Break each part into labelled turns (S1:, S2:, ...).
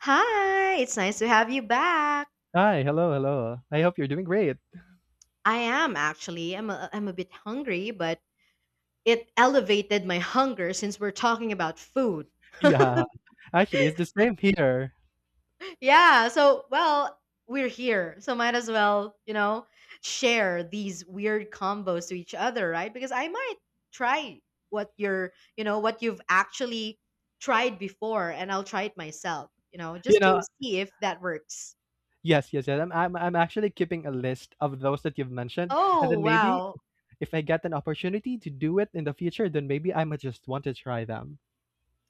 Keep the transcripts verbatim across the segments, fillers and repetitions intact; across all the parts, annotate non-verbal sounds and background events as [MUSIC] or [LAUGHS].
S1: Hi, it's nice to have you back.
S2: Hi, hello, hello. I hope you're doing great.
S1: I am actually. I'm a, I'm a bit hungry, but it elevated my hunger since we're talking about food. [LAUGHS]
S2: Yeah, actually, it's the same here.
S1: Yeah, so well, we're here. So might as well, you know, share these weird combos to each other, right? Because I might try what you're, you know, what you've actually tried before and I'll try it myself, you know,
S2: You
S1: just
S2: know,
S1: to see if that works.
S2: yes, yes, yes. I'm, I'm, I'm actually keeping a list of those that you've mentioned, and
S1: Oh,
S2: then maybe
S1: wow.
S2: if I get an opportunity to do it in the future, then maybe I might just want to try them.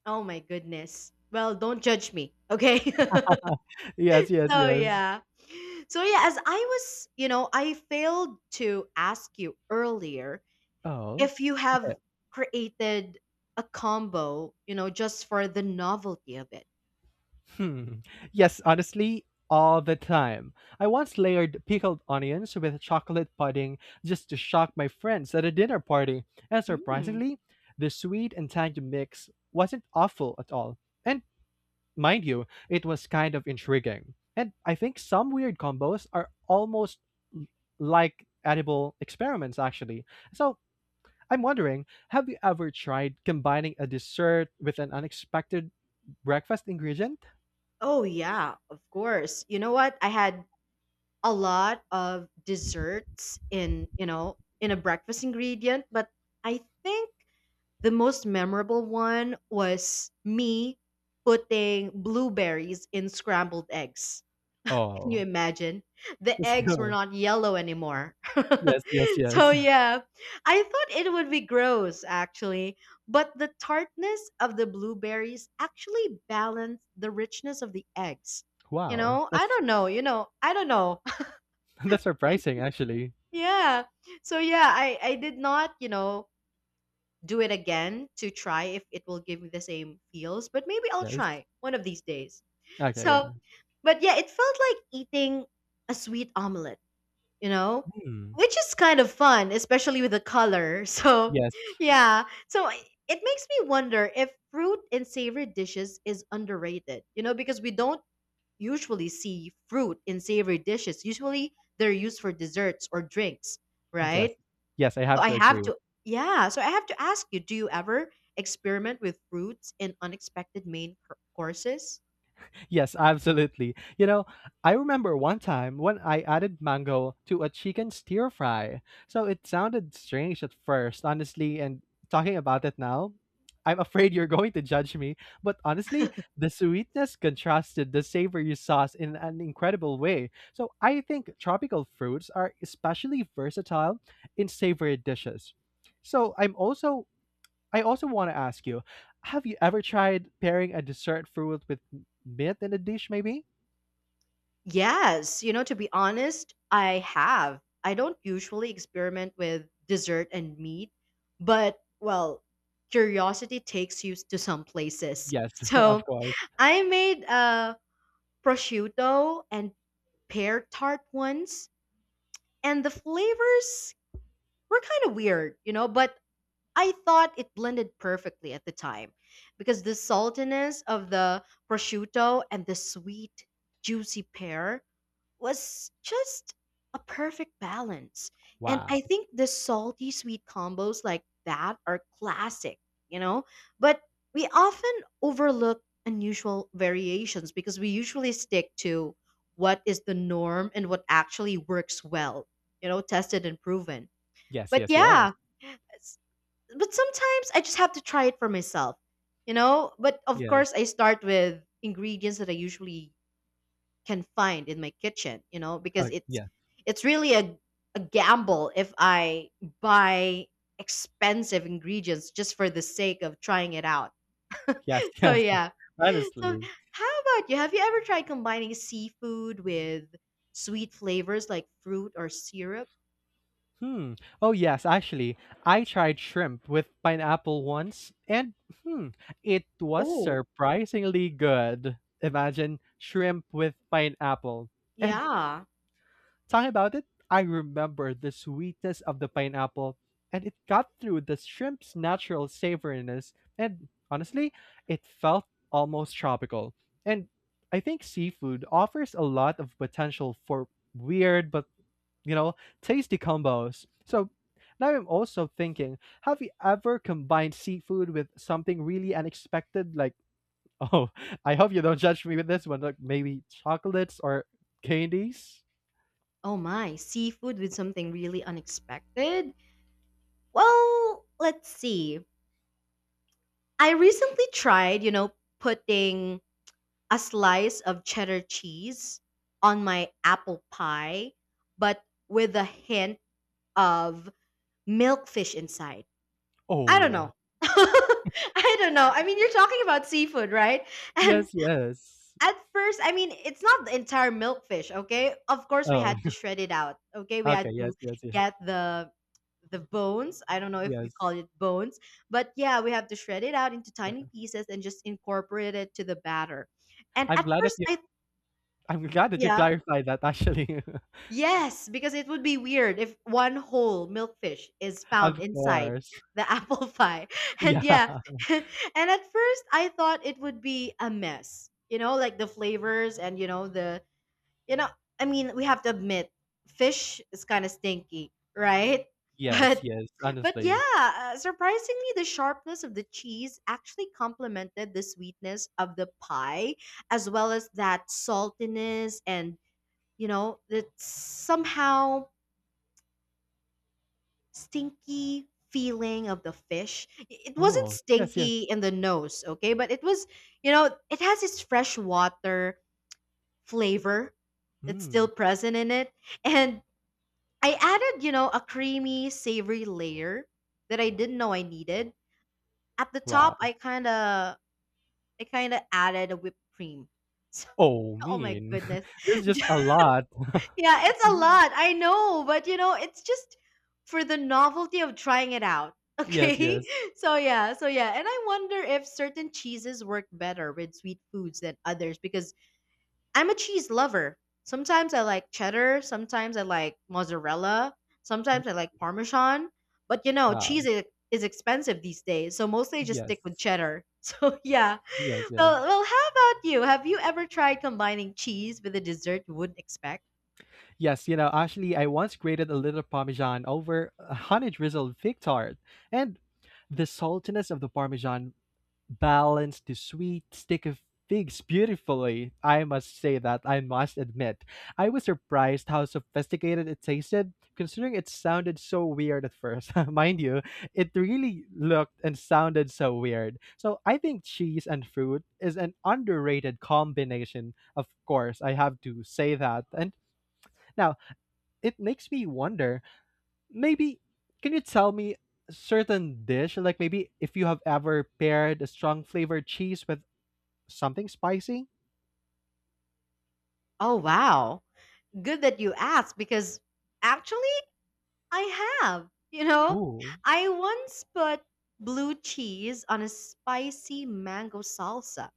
S1: Oh my goodness. Well, don't judge me, okay? [LAUGHS]
S2: [LAUGHS] Yes, yes,
S1: So
S2: yes.
S1: yeah. So yeah, as I was, you know, I failed to ask you earlier
S2: Oh,
S1: if you have
S2: okay.
S1: created a combo, you know, just for the novelty of it.
S2: Hmm. Yes, honestly, all the time. I once layered pickled onions with chocolate pudding just to shock my friends at a dinner party. And
S1: Mm.
S2: surprisingly, the sweet and tangy mix wasn't awful at all. And mind you, it was kind of intriguing. And I think some weird combos are almost l- like edible experiments, actually. So I'm wondering, have you ever tried combining a dessert with an unexpected breakfast ingredient?
S1: Oh yeah, of course. You know what? I had a lot of desserts in, you know, in a breakfast ingredient, but I think the most memorable one was me putting blueberries in scrambled eggs. Can you
S2: Oh.
S1: imagine? The eggs were
S2: So
S1: not yellow anymore. [LAUGHS]
S2: [LAUGHS] yes, yes,
S1: So,
S2: yes.
S1: yeah, I thought it would be gross actually, but the tartness of the blueberries actually balanced the richness of the eggs. You
S2: Wow,
S1: know, I
S2: that's
S1: don't know, you know, I don't know.
S2: [LAUGHS] that's surprising actually.
S1: [LAUGHS] Yeah. So, yeah, I, I did not, you know, do it again to try if it will give me the same feels, but maybe I'll
S2: Yes.
S1: try one of these days.
S2: Okay, yeah.
S1: So, but yeah, it felt like eating a sweet omelet, you know,
S2: Hmm.
S1: which is kind of fun, especially with the color. [LAUGHS] So,
S2: Yes.
S1: yeah, so I- it makes me wonder if fruit in savory dishes is underrated, you know, because we don't usually see fruit in savory dishes. Usually they're used for desserts or drinks,
S2: Yes.
S1: right?
S2: Yes, I
S1: So
S2: have
S1: I
S2: to
S1: have
S2: agree.
S1: to yeah, so I have to ask you, do you ever experiment with fruits in unexpected main cour- courses?
S2: Yes, absolutely. You know, I remember one time when I added mango to a chicken stir fry. So it sounded strange at first, honestly, and talking about it now, I'm afraid you're going to judge me, but honestly, the sweetness contrasted the savory sauce in an incredible way. So I think tropical fruits are especially versatile in savory dishes. So I'm also I also want to ask you, have you ever tried pairing a dessert fruit with m- meat in a dish, maybe?
S1: Yes, you know, to be honest, I have. I don't usually experiment with dessert and meat, but well, curiosity takes you to some places. [LAUGHS]
S2: Yes, [LAUGHS]
S1: So
S2: of course.
S1: I made a prosciutto and pear tart once, and the flavors were kind of weird, you know, but I thought it blended perfectly at the time because the saltiness of the prosciutto and the sweet, juicy pear was just a perfect balance. And I
S2: Wow.
S1: think the salty sweet combos like that are classic, you know? But we often overlook unusual variations because we usually stick to what is the norm and what actually works well, you know, tested and proven.
S2: Yes,
S1: But
S2: yes, yes.
S1: yeah, but sometimes I just have to try it for myself, you know? But of
S2: Yes.
S1: course, I start with ingredients that I usually can find in my kitchen, you know,
S2: Oh,
S1: because it's
S2: yeah.
S1: it's really a a gamble if I buy expensive ingredients just for the sake of trying it out. [LAUGHS]
S2: Yes, [LAUGHS]
S1: So
S2: yes.
S1: yeah. So
S2: Honestly.
S1: how about you? Have you ever tried combining seafood with sweet flavors like fruit or syrup?
S2: Hmm. Oh, yes, actually, I tried shrimp with pineapple once, and hmm, it was
S1: Oh,
S2: surprisingly good. Imagine shrimp with pineapple. And
S1: yeah.
S2: talking about it, I remember the sweetness of the pineapple, and it got through the shrimp's natural savoriness, and honestly, it felt almost tropical. And I think seafood offers a lot of potential for weird but, you know, tasty combos. So now I'm also thinking, have you ever combined seafood with something really unexpected like, oh, [LAUGHS] I hope you don't judge me with this one, like maybe chocolates or candies?
S1: Oh my, seafood with something really unexpected? Well, let's see. I recently tried, you know, putting a slice of cheddar cheese on my apple pie, but with a hint of milkfish inside. I don't
S2: Oh.
S1: know. [LAUGHS] I don't know. I mean, you're talking about seafood, right? And
S2: Yes, yes.
S1: at first, I mean, it's not the entire milkfish, okay? Of course, we
S2: Oh,
S1: had to shred it out, okay?
S2: [LAUGHS]
S1: We had
S2: okay.
S1: to
S2: Yes, yes, yes.
S1: get the the bones. I don't know if we
S2: Yes.
S1: call it bones, but yeah, we have to shred it out into tiny
S2: Yeah.
S1: pieces and just incorporate it to the batter. And
S2: I'm
S1: at
S2: glad that
S1: first,
S2: you
S1: I
S2: I'm glad that you
S1: yeah,
S2: clarified that actually. [LAUGHS]
S1: yes, because it would be weird if one whole milkfish is found
S2: Of
S1: inside
S2: course.
S1: the [LAUGHS] apple pie. And
S2: Yeah.
S1: yeah, [LAUGHS] and at first, I thought it would be a mess. You know, like the flavors and you know the you know, I mean, we have to admit, fish is kind of stinky, right? [LAUGHS]
S2: Yes,
S1: But
S2: yes,
S1: but
S2: honestly.
S1: yeah, uh, surprisingly, the sharpness of the cheese actually complemented the sweetness of the pie, as well as that saltiness and you know that somehow stinky feeling of the fish. I- It wasn't
S2: Oh, yes,
S1: stinky
S2: yes.
S1: in the nose, okay, but it was you know it has its freshwater flavor that's still
S2: Hmm.
S1: present in it, and I added, you know, a creamy, savory layer that I didn't know I needed. At the top,
S2: Wow.
S1: I kind of I kind of added a whipped cream. [LAUGHS]
S2: Oh,
S1: So, oh my
S2: mean.
S1: goodness.
S2: [LAUGHS] This is
S1: [LAUGHS]
S2: just
S1: Yeah,
S2: a lot. [LAUGHS]
S1: it's a lot. I know, but you know, it's just for the novelty of trying it out. [LAUGHS]
S2: Yes,
S1: Okay?
S2: yes.
S1: So yeah, so yeah, and I wonder if certain cheeses work better with sweet foods than others because I'm a cheese lover. Sometimes I like cheddar, sometimes I like mozzarella,
S2: Mm.
S1: sometimes I like parmesan. But you know, cheese
S2: Wow.
S1: is, is expensive these days, so mostly I just stick with
S2: Yes.
S1: cheddar. [LAUGHS] So yeah.
S2: Yes, yes.
S1: Well, well, how about you? Have you ever tried combining cheese with a dessert you wouldn't expect?
S2: Yes, you know, actually, I once grated a little Parmesan over a honey drizzled fig tart, and the saltiness of the Parmesan balance the sweet stick of figs beautifully. I must say that I must admit, I was surprised how sophisticated it tasted, considering it sounded so weird at first. [LAUGHS] Mind you, it really looked and sounded so weird. So I think cheese and fruit is an underrated combination. Of course, I have to say that. And now it makes me wonder. Maybe can you tell me certain dish like maybe if you have ever paired a strong flavored cheese with something spicy?
S1: Oh wow. Good that you asked because actually I have. You know,
S2: Ooh.
S1: I once put blue cheese on a spicy mango salsa.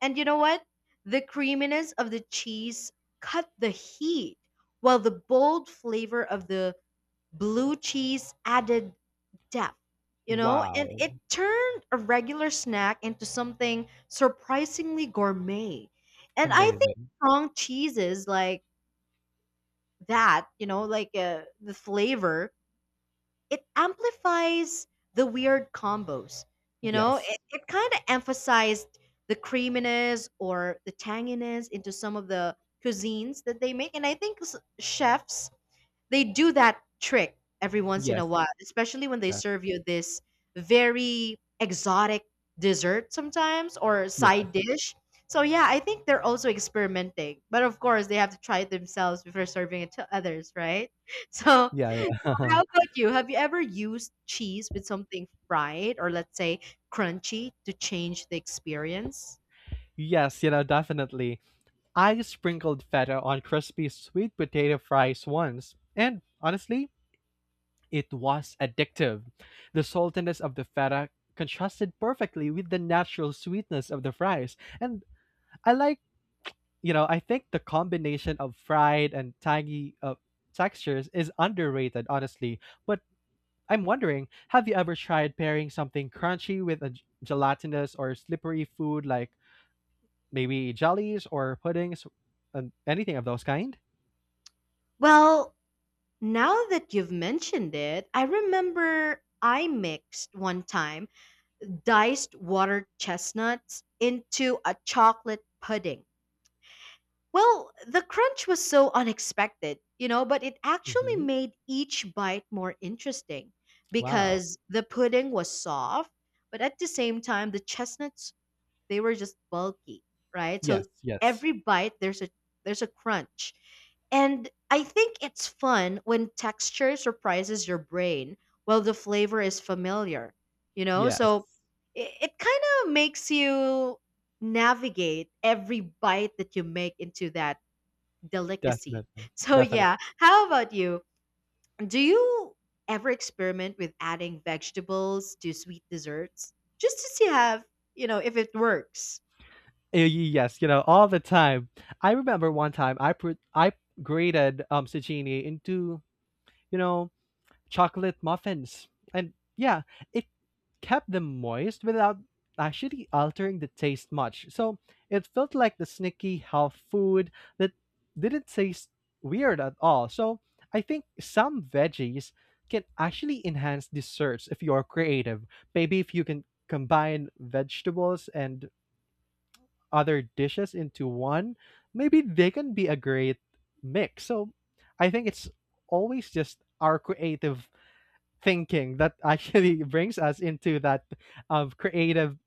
S1: And you know what? The creaminess of the cheese cut the heat, while the bold flavor of the blue cheese added depth, you know? And it
S2: Wow.
S1: turned a regular snack into something surprisingly gourmet. And I think
S2: Amazing.
S1: strong cheeses like that, you know, like uh, the flavor it amplifies the weird combos. You know,
S2: Yes.
S1: it, it kind of emphasized the creaminess or the tanginess into some of the cuisines that they make. And I think s- chefs they do that trick every once in a while,
S2: Yes.
S1: especially when they
S2: Yes.
S1: serve you this very exotic dessert sometimes or
S2: Yeah.
S1: side dish. So yeah, I think they're also experimenting, but of course they have to try it themselves before serving it to others, right? [LAUGHS] So,
S2: Yeah.
S1: so how
S2: Yeah.
S1: about you? Have you ever used cheese with something fried or let's say crunchy to change the experience?
S2: [LAUGHS] yes, you know, definitely. I sprinkled feta on crispy sweet potato fries once, and honestly, it was addictive. The saltiness of the feta contrasted perfectly with the natural sweetness of the fries. And I like, you know, I think the combination of fried and tangy uh, textures is underrated, honestly. But I'm wondering, have you ever tried pairing something crunchy with a g- gelatinous or slippery food like maybe jellies or puddings and anything of those kind?
S1: Well, now that you've mentioned it, I remember I mixed one time diced water chestnuts into a chocolate pudding. Well, the crunch was so unexpected, you know, but it actually
S2: Hmm.
S1: made each bite more interesting
S2: Wow.
S1: because the pudding was soft, but at the same time, the chestnuts they were just bulky, right?
S2: Yes,
S1: So
S2: yes,
S1: every bite there's a there's a crunch. And I think it's fun when texture surprises your brain while the flavor is familiar, you know?
S2: yes.
S1: So it, it kind of makes you navigate every bite that you make into that delicacy.
S2: Definitely,
S1: [LAUGHS] So,
S2: definitely.
S1: yeah, how about you? Do you ever experiment with adding vegetables to sweet desserts just to see have, you know, if it works?
S2: Yes, you know, all the time. I remember one time I put I grated um zucchini into, you know, chocolate muffins, and yeah, it kept them moist without actually altering the taste much. So it felt like the sneaky health food that didn't taste weird at all. So I think some veggies can actually enhance desserts if you're creative. Maybe if you can combine vegetables and other dishes into one, maybe they can be a great mix. So I think it's always just our creative thinking that actually [LAUGHS] brings us into that of creative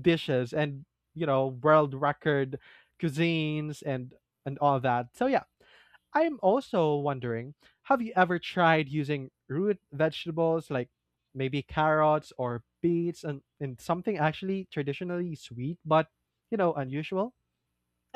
S2: dishes and you know world record cuisines and and all that. So yeah, I'm also wondering, have you ever tried using root vegetables like maybe carrots or beets and, and something actually traditionally sweet but you know unusual?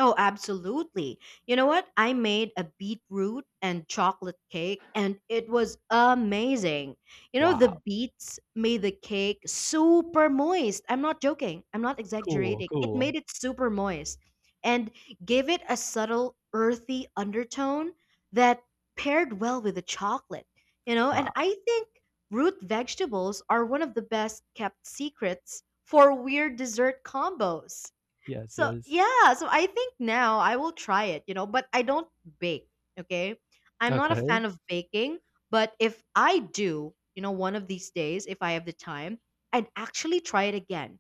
S1: Oh, absolutely. You know what? I made a beetroot and chocolate cake, and it was amazing. You know, the
S2: Wow.
S1: beets made the cake super moist. I'm not joking, I'm not
S2: Cool,
S1: exaggerating. It made
S2: cool.
S1: it super moist and gave it a subtle earthy undertone that paired well with the chocolate. You know, and
S2: Wow.
S1: I think root vegetables are one of the best kept secrets for weird dessert combos.
S2: Yes,
S1: So
S2: yes.
S1: yeah, so I think now I will try it, you know, but I don't bake, okay? I'm not a
S2: Okay.
S1: fan of baking, but if I do, you know, one of these days if I have the time, I'd actually try it again,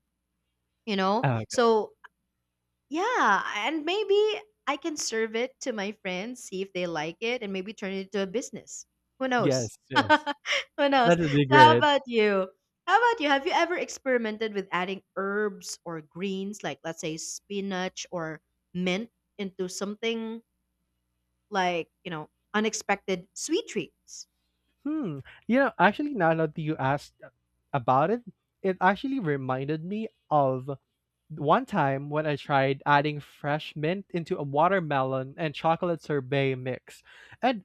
S1: you know?
S2: Okay.
S1: So yeah, and maybe I can serve it to my friends, see if they like it, and maybe turn it into a business. Who knows?
S2: Yes, yes.
S1: [LAUGHS] Who knows?
S2: That
S1: So,
S2: would be
S1: how
S2: great.
S1: about you? How about you? Have you ever experimented with adding herbs or greens, like let's say spinach or mint, into something like, you know, unexpected sweet treats?
S2: Hmm. You know, actually, now that you asked about it, it actually reminded me of one time when I tried adding fresh mint into a watermelon and chocolate sorbet mix, and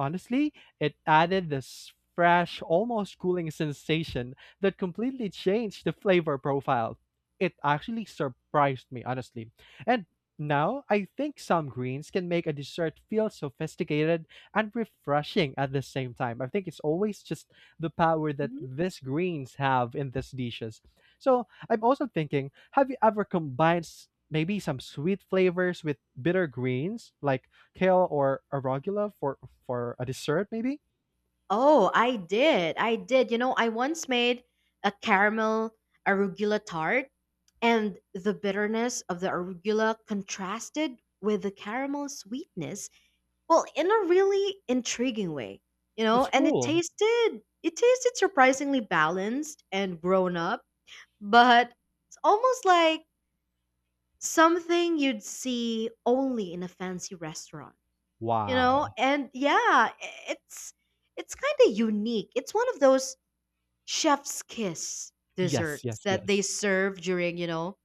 S2: honestly, it added this fresh, almost cooling sensation that completely changed the flavor profile. It actually surprised me, honestly. And now I think some greens can make a dessert feel sophisticated and refreshing at the same time. I think it's always just the power that these greens have in these dishes. So I'm also thinking, have you ever combined s- maybe some sweet flavors with bitter greens like kale or arugula for for a dessert maybe?
S1: Oh, I did. I did. You know, I once made a caramel arugula tart, and the bitterness of the arugula contrasted with the caramel sweetness, well, in a really intriguing way. You know,
S2: That's
S1: and it
S2: cool.
S1: tasted it tasted surprisingly balanced and grown up, but it's almost like something you'd see only in a fancy restaurant. You know,
S2: Wow.
S1: and yeah, it's it's kind of unique. It's one of those chef's kiss
S2: Yes,
S1: desserts
S2: yes,
S1: that they
S2: yes.
S1: serve during you know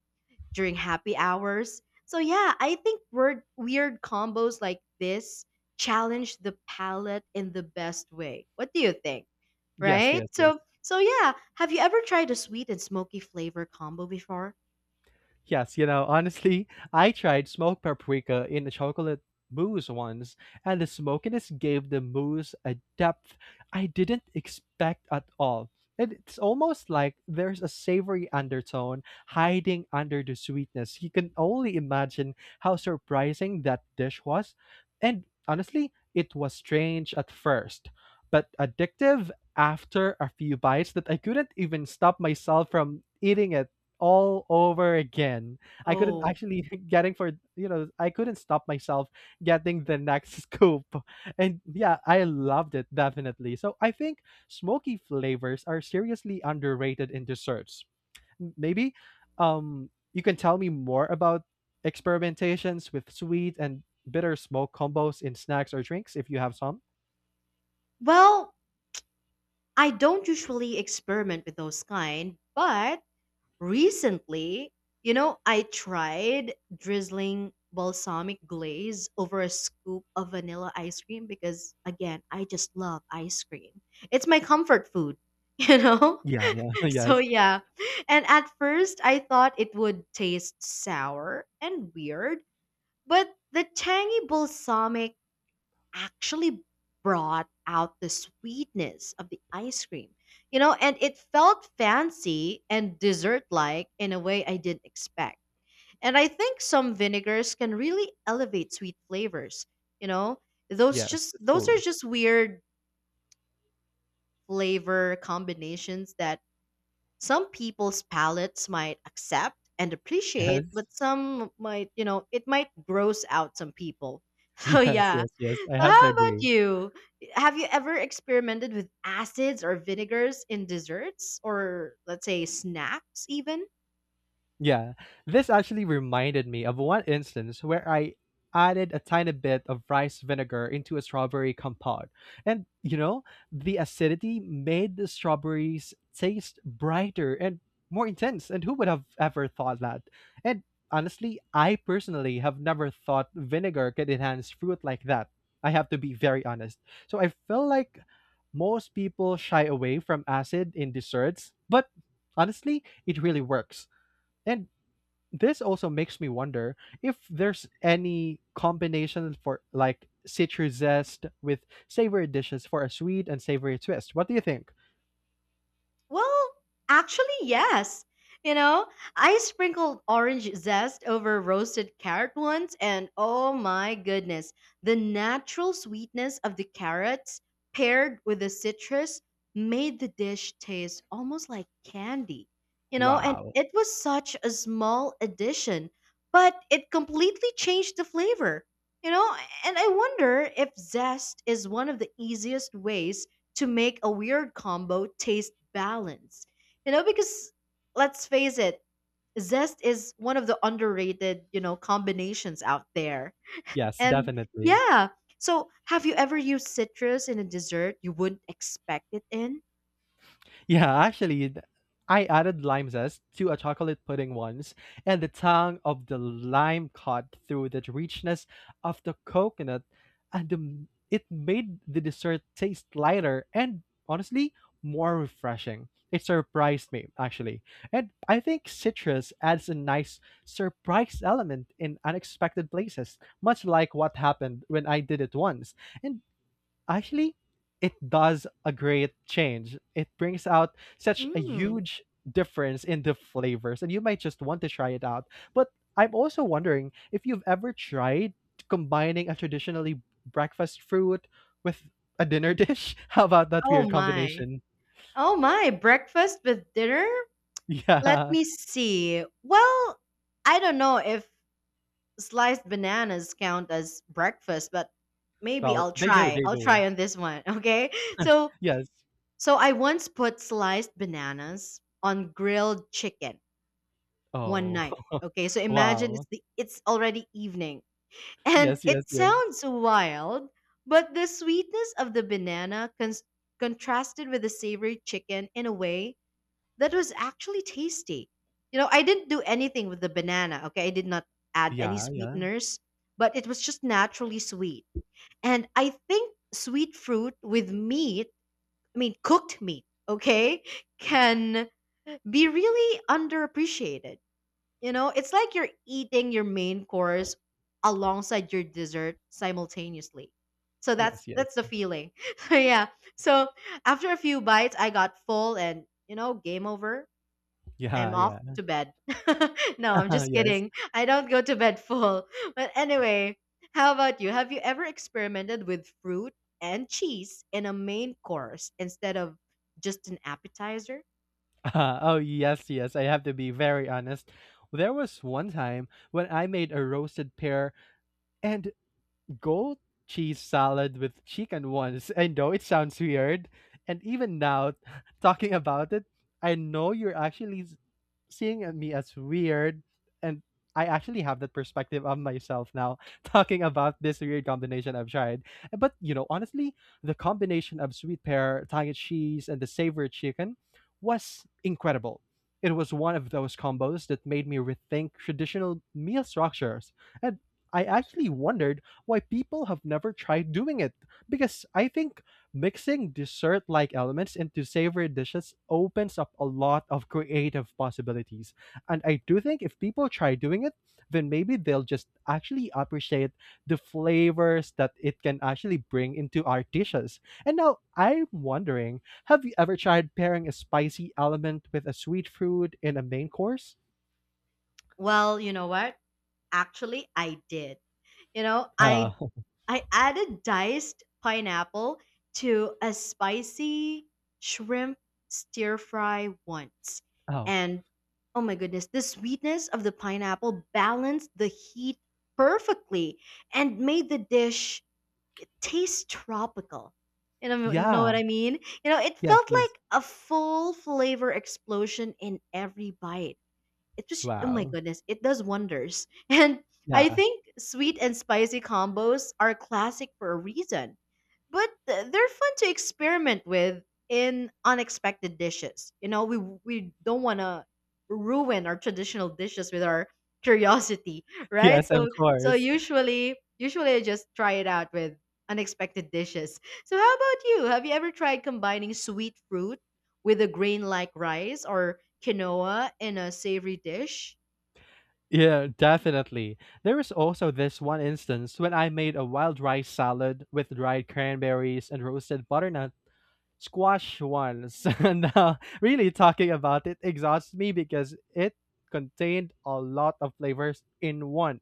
S1: during happy hours. So yeah, I think weird weird combos like this challenge the palate in the best way. What do you think?
S2: Yes,
S1: Right,
S2: yes, yes.
S1: so so yeah, have you ever tried a sweet and smoky flavor combo before?
S2: Yes, you know, honestly, I tried smoked paprika in a chocolate mousse once, and the smokiness gave the mousse a depth I didn't expect at all. And it's almost like there's a savory undertone hiding under the sweetness. You can only imagine how surprising that dish was. And honestly, it was strange at first, but addictive after a few bites that I couldn't even stop myself from eating it all over again. I couldn't
S1: Oh
S2: actually, [LAUGHS] getting for you know I couldn't stop myself getting the next [LAUGHS] scoop, and yeah, I loved it definitely. So I think smoky flavors are seriously underrated in desserts. Maybe um you can tell me more about experimentations with sweet and bitter smoke combos in snacks or drinks if you have some.
S1: well, I don't usually experiment with those kind, but recently, you know, I tried drizzling balsamic glaze over a scoop of vanilla ice cream because, again, I just love ice cream. It's my comfort food, [LAUGHS] you know?
S2: Yeah, yeah, [LAUGHS]
S1: So,
S2: yes,
S1: yeah. And at first, I thought it would taste sour and weird, but the tangy balsamic actually brought out the sweetness of the ice cream. You know, and it felt fancy and dessert like in a way I didn't expect. And I think some vinegars can really elevate sweet flavors, you know? Those
S2: yes,
S1: just
S2: it's
S1: those are
S2: cool.
S1: just weird flavor combinations that some people's palates might accept and appreciate,
S2: Yes,
S1: but some might, you know, it might gross out some people. [LAUGHS]
S2: [LAUGHS]
S1: So
S2: yes,
S1: yeah,
S2: yes, yes, I
S1: so
S2: have to
S1: how about
S2: agree.
S1: you? Have you ever experimented with acids or vinegars in desserts or let's say snacks even?
S2: Yeah, this actually reminded me of one instance where I added a tiny bit of rice vinegar into a strawberry compote. And, you know, the acidity made the strawberries taste brighter and more intense. And who would have ever thought that? And honestly, I personally have never thought vinegar could enhance fruit like that. I have to be very honest. So I feel like most people shy away from acid in desserts, but honestly, it really works. And this also makes me wonder if there's any combination for like citrus zest with savory dishes for a sweet and savory twist. What do you think?
S1: Well, actually, yes. You know, I sprinkled orange zest over roasted carrot once, and oh my goodness, the natural sweetness of the carrots paired with the citrus made the dish taste almost like candy. You know, and
S2: Wow.
S1: it was such a small addition, but it completely changed the flavor. You know, and I wonder if zest is one of the easiest ways to make a weird combo taste balanced. You know, because let's face it, zest is one of the underrated, you know, combinations out there.
S2: Yes,
S1: And
S2: definitely.
S1: yeah, so have you ever used citrus in a dessert you wouldn't expect it in?
S2: Yeah, actually, th- I added lime zest to a chocolate pudding once, and the tang of the lime cut through the richness of the coconut, and the, it made the dessert taste lighter and honestly more refreshing. It surprised me actually, and I think citrus adds a nice surprise element in unexpected places, much like what happened when I did it once. And actually it does a great change. It brings out such a
S1: Mm.
S2: huge difference in the flavors, and you might just want to try it out. But I'm also wondering if you've ever tried combining a traditionally breakfast fruit with a dinner dish. [LAUGHS] How about that weird
S1: Oh my.
S2: combination? [LAUGHS]
S1: Oh my, breakfast with dinner? Let
S2: Yeah.
S1: me see. Well, I don't know if sliced bananas count as breakfast, but maybe
S2: Well,
S1: I'll
S2: they do,
S1: try.
S2: they
S1: I'll
S2: do.
S1: try on this one, [LAUGHS] okay? So,
S2: Yes.
S1: so I once put sliced bananas on grilled chicken one
S2: Oh,
S1: night.
S2: [LAUGHS]
S1: Okay, so imagine it's
S2: wow.
S1: the it's already evening. [LAUGHS] And
S2: Yes,
S1: it
S2: yes, yes.
S1: sounds wild, but the sweetness of the banana cons- contrasted with the savory chicken in a way that was actually tasty. You know, I didn't do anything with the banana, okay? I did not add any
S2: Yeah, yeah.
S1: sweeteners, but it was just naturally sweet. And I think sweet fruit with meat, I mean, cooked meat, okay, can be really underappreciated. You know, it's like you're eating your main course alongside your dessert simultaneously. So that's
S2: Yes, yes.
S1: that's the feeling. [LAUGHS] So yeah. So after a few bites, I got full and you know, game over. I'm
S2: Yeah,
S1: off
S2: yeah.
S1: to bed. [LAUGHS] No, I'm
S2: [LAUGHS]
S1: just
S2: yes.
S1: kidding. I don't go to bed full. But anyway, how about you? Have you ever experimented with fruit and cheese in a main course instead of just an appetizer?
S2: [LAUGHS] Uh, oh, yes, yes. I have to be very honest. There was one time when I made a roasted pear and gold cheese salad with chicken once. I know it sounds weird. And even now, [LAUGHS] talking about it, I know you're actually seeing at me as weird and I actually have that perspective of myself now [LAUGHS] talking about this weird combination I've tried. But you know, honestly, the combination of sweet pear, tang cheese, and the savory chicken was incredible. It was one of those combos that made me rethink traditional meal structures. And I actually wondered why people have never tried doing it because I think mixing dessert-like elements into savory dishes opens up a lot of creative possibilities. And I do think if people try doing it, then maybe they'll just actually appreciate the flavors that it can actually bring into our dishes. And now I'm wondering, have you ever tried pairing a spicy element with a sweet fruit in a main course?
S1: Well, you know what? Actually, I did. You know, I
S2: Oh,
S1: I added diced pineapple to a spicy shrimp stir fry once.
S2: [LAUGHS] oh,
S1: And oh my goodness, the sweetness of the pineapple balanced the heat perfectly and made the dish taste tropical. You know, know what I
S2: yeah.
S1: mean? You know, it
S2: Yes,
S1: felt like
S2: yes.
S1: a full flavor explosion in every bite. It just oh my
S2: Wow.
S1: goodness it does wonders [LAUGHS] and
S2: Yeah.
S1: I
S2: [LAUGHS]
S1: think sweet and spicy combos are classic for a reason, but th- they're fun to experiment with in unexpected dishes. You know, we we don't want to ruin our traditional dishes with our [LAUGHS] curiosity, right?
S2: Yes, of
S1: So so
S2: course.
S1: usually usually I just try it out with unexpected dishes. So how about you? Have you ever tried combining sweet fruit with a grain like rice or quinoa in a savory dish?
S2: Yeah, definitely. There is also this one instance when I made a wild rice salad with dried cranberries and roasted butternut squash once. [LAUGHS] And uh, really talking about it exhausts me because it contained a lot of flavors in one.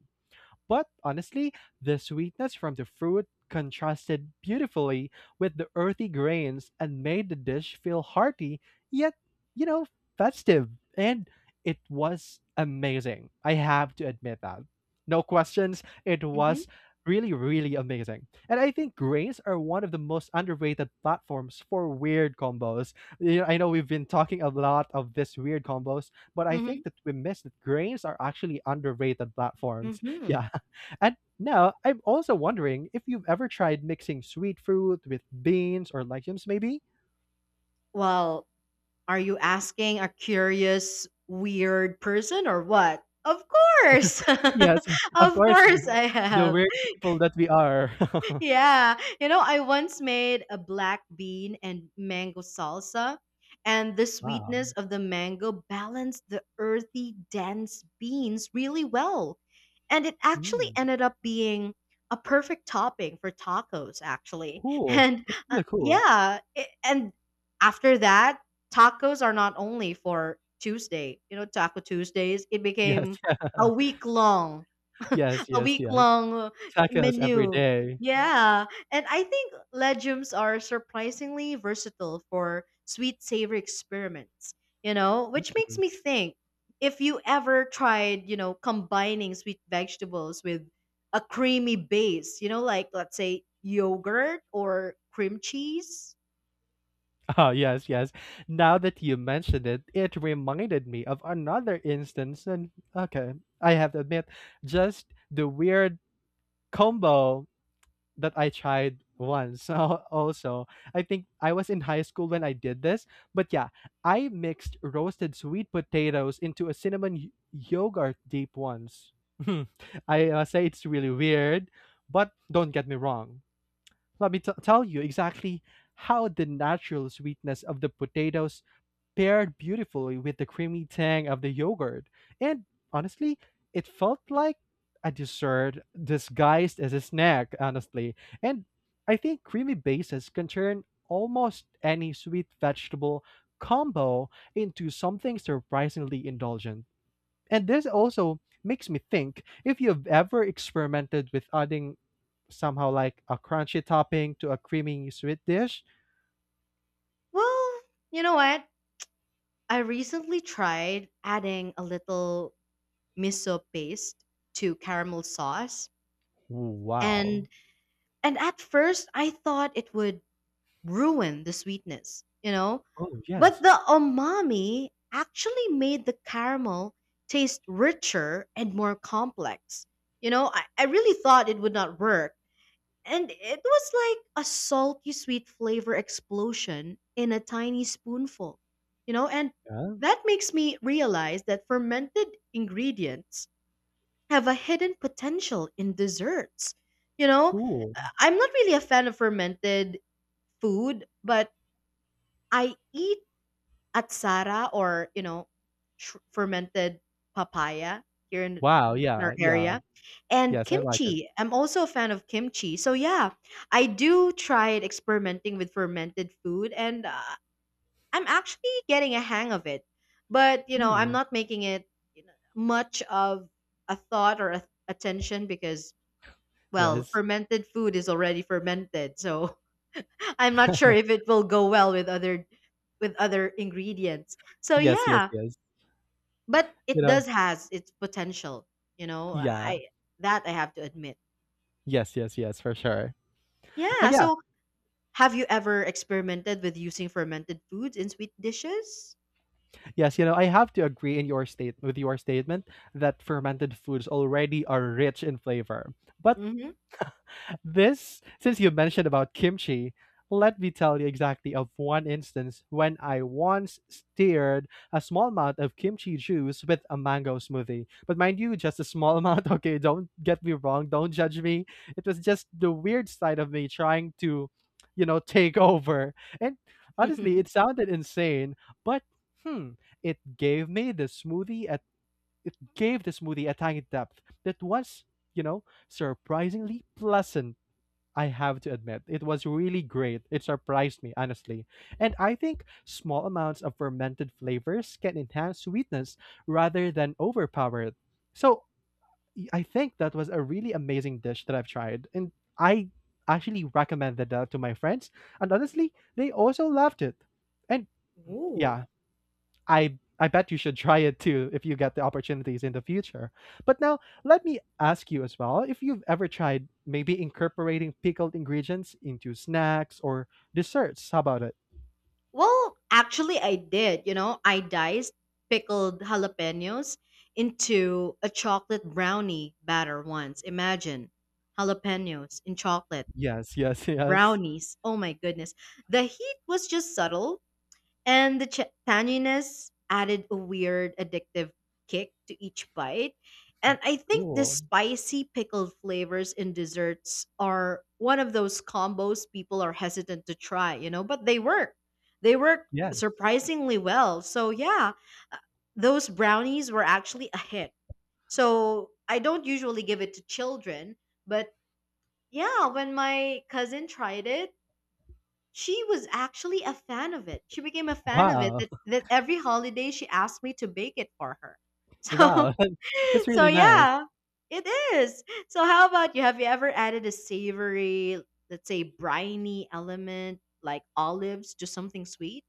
S2: But honestly, the sweetness from the fruit contrasted beautifully with the earthy grains and made the dish feel hearty, yet, you know, festive. And it was amazing. I have to admit that. No questions. It
S1: Mhm.
S2: was really, really amazing. And I think grains are one of the most underrated platforms for weird combos. You know, I know we've been talking a lot of this weird combos, but I think
S1: Mhm.
S2: that we missed that grains are actually underrated platforms. [LAUGHS]
S1: Mhm.
S2: Yeah. And now I'm also wondering if you've ever tried mixing sweet fruit with beans or legumes, maybe?
S1: Well, are you asking a curious, weird person or what? Of course. [LAUGHS]
S2: Yes, of
S1: Of
S2: course,
S1: course I
S2: [LAUGHS] the
S1: have.
S2: weird people that we are. [LAUGHS]
S1: Yeah. You know, I once made a black bean and mango salsa, and the sweetness
S2: Wow.
S1: of the mango balanced the earthy, dense beans really well. And it actually
S2: Mm,
S1: ended up being a perfect topping for tacos, actually. [LAUGHS]
S2: cool.
S1: And
S2: That's
S1: uh,
S2: really cool.
S1: yeah, it, and after that, tacos are not only for Tuesday, you know, Taco Tuesdays, it
S2: Yes.
S1: became
S2: [LAUGHS]
S1: a week long, [LAUGHS]
S2: Yes,
S1: a
S2: yes,
S1: week
S2: yes.
S1: long
S2: Tacos every
S1: menu.
S2: day.
S1: Yeah, and I think legumes are surprisingly versatile for sweet savory experiments, you know, which makes
S2: Mm.
S1: me think if you ever tried, you know, combining sweet vegetables with a creamy base, you know, like let's say yogurt or cream cheese.
S2: Oh, yes, yes. Now that you mentioned it, it reminded me of another instance. And okay, I have to admit, just the weird combo that I tried once. [LAUGHS] So also, I think I was in high school when I did this. But yeah, I mixed roasted sweet potatoes into a cinnamon y- yogurt dip once. [LAUGHS] I uh, say it's really weird, but don't get me wrong. Let me t- tell you exactly how the natural sweetness of the potatoes paired beautifully with the creamy tang of the yogurt. And honestly, it felt like a dessert disguised as a snack, honestly. And I think creamy bases can turn almost any sweet vegetable combo into something surprisingly indulgent. And this also makes me think if you've ever experimented with adding somehow like a crunchy topping to a creamy sweet dish.
S1: Well, you know what? I recently tried adding a little miso paste to caramel sauce and
S2: Wow.
S1: and at first I thought it would ruin the sweetness, you know?
S2: Oh,
S1: But
S2: yes.
S1: the umami actually made the caramel taste richer and more complex. You know, I, I really thought it would not work. And it was like a salty sweet flavor explosion in a tiny spoonful. You know, and
S2: Yeah,
S1: that makes me realize that fermented ingredients have a hidden potential in desserts. You know,
S2: cool.
S1: Uh, I'm not really a fan of fermented food, but I eat atsara or, you know, sh- fermented papaya here in,
S2: Wow,
S1: in
S2: yeah,
S1: our
S2: yeah.
S1: area and
S2: Yes, I like it.
S1: kimchi. I'm also a fan of kimchi. So yeah, I do try experimenting with fermented food and uh, I'm actually getting a hang of it. But, you know, I'm
S2: Hmm.
S1: not making it you know, much of a thought or a, attention because well,
S2: Yes.
S1: fermented food is already fermented. So I'm not sure if it will go well with other with other ingredients. So
S2: Yes, yes,
S1: yeah,
S2: yes.
S1: but
S2: You
S1: it
S2: know,
S1: does has its potential, you know.
S2: yeah.
S1: I that I have to admit.
S2: Yes, yes, yes, for sure. Uh,
S1: Yeah,
S2: yeah,
S1: so have you ever experimented with using fermented foods in sweet dishes?
S2: yes, you know, I have to agree in your state with your statement that fermented foods already are rich in flavor. But
S1: Mhm.
S2: this, since you mentioned about kimchi, let me tell you exactly of one instance when I once steered a small amount of kimchi juice with a mango smoothie. But mind you, just a small amount. [LAUGHS] Okay, don't get me wrong. Don't judge me. It was just the weird side of me trying to, you know, take over. And honestly,
S1: [LAUGHS]
S2: it sounded insane, but hmm, it gave me the smoothie at it gave the smoothie a tiny depth that was, you know, surprisingly pleasant. I have to admit, it was really great. It surprised me, honestly. And I think small amounts of fermented flavors can enhance sweetness rather than overpower it. So y- I think that was a really amazing dish that I've tried. And I actually recommended that to my friends. And honestly, they also loved it. And
S1: Ooh.
S2: yeah, I I bet you should try it too if you get the opportunities in the future. But now let me ask you as well if you've ever tried maybe incorporating pickled ingredients into snacks or desserts. How about it?
S1: Well, actually I did, you know. I diced pickled jalapenos into a chocolate brownie batter once. Imagine jalapenos in chocolate
S2: Yes, yes, yes.
S1: brownies. Oh my goodness. The heat was just subtle, and the ch- tanginess added a weird addictive kick to each bite. And I think the
S2: Cool.
S1: spicy pickled flavors in desserts are one of those combos people are hesitant to try, you know, but they work. They work
S2: Yes.
S1: surprisingly well. So, yeah, uh, those brownies were actually a hit. So, I don't usually give it to children, but yeah, when my cousin tried it, she was actually a fan of it. She became a fan of it
S2: Wow.
S1: that,
S2: [LAUGHS]
S1: that every holiday she asked me to bake it for her. [LAUGHS] So
S2: Wow. [LAUGHS] That's
S1: so
S2: really nice.
S1: yeah, it is. So how about you? Have you ever added a savory, let's say briny element like olives to something sweet?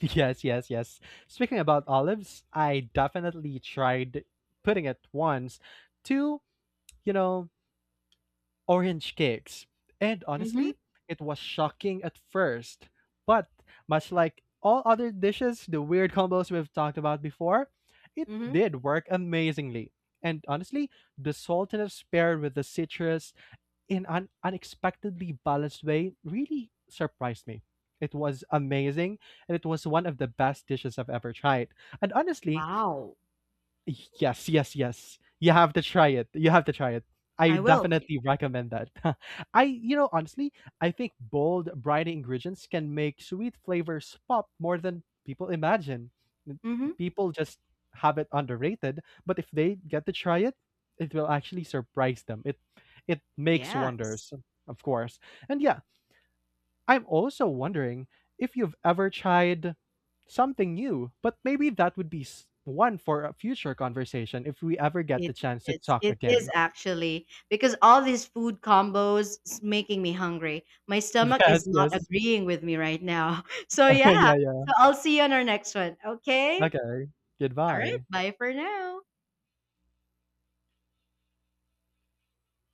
S2: Yes, yes, yes. Speaking about olives, I definitely tried putting it once to, you know, orange cakes. And
S1: Mm-hmm.
S2: honestly, it was shocking at first. But much like all other dishes, the weird combos we've talked about before, it
S1: Mm-hmm.
S2: did work amazingly. And honestly, the saltiness paired with the citrus in an unexpectedly balanced way really surprised me. It was amazing, and it was one of the best dishes I've ever tried. And honestly,
S1: Wow.
S2: yes, yes, yes. You have to try it. You have to try it. I
S1: I will.
S2: definitely recommend that. [LAUGHS] I, you know, honestly, I think bold, bright ingredients can make sweet flavors pop more than people imagine. N-
S1: Mm-hmm.
S2: People just have it underrated, but if they get to try it, it will actually surprise them. It it makes
S1: Yes.
S2: wonders, of course. And yeah, I'm also wondering if you've ever tried something new, but maybe that would be s- one for a future conversation if we ever get
S1: It
S2: the chance to
S1: is.
S2: talk
S1: It is
S2: again.
S1: actually because all these food combos is making me hungry. My
S2: [LAUGHS]
S1: stomach is
S2: Yes,
S1: not
S2: yes.
S1: agreeing with me right now. [LAUGHS] So
S2: [LAUGHS]
S1: yeah.
S2: Yeah, yeah.
S1: So I'll see you on our next one. Okay?
S2: Okay.
S1: All right.
S2: Goodbye.
S1: Bye for now.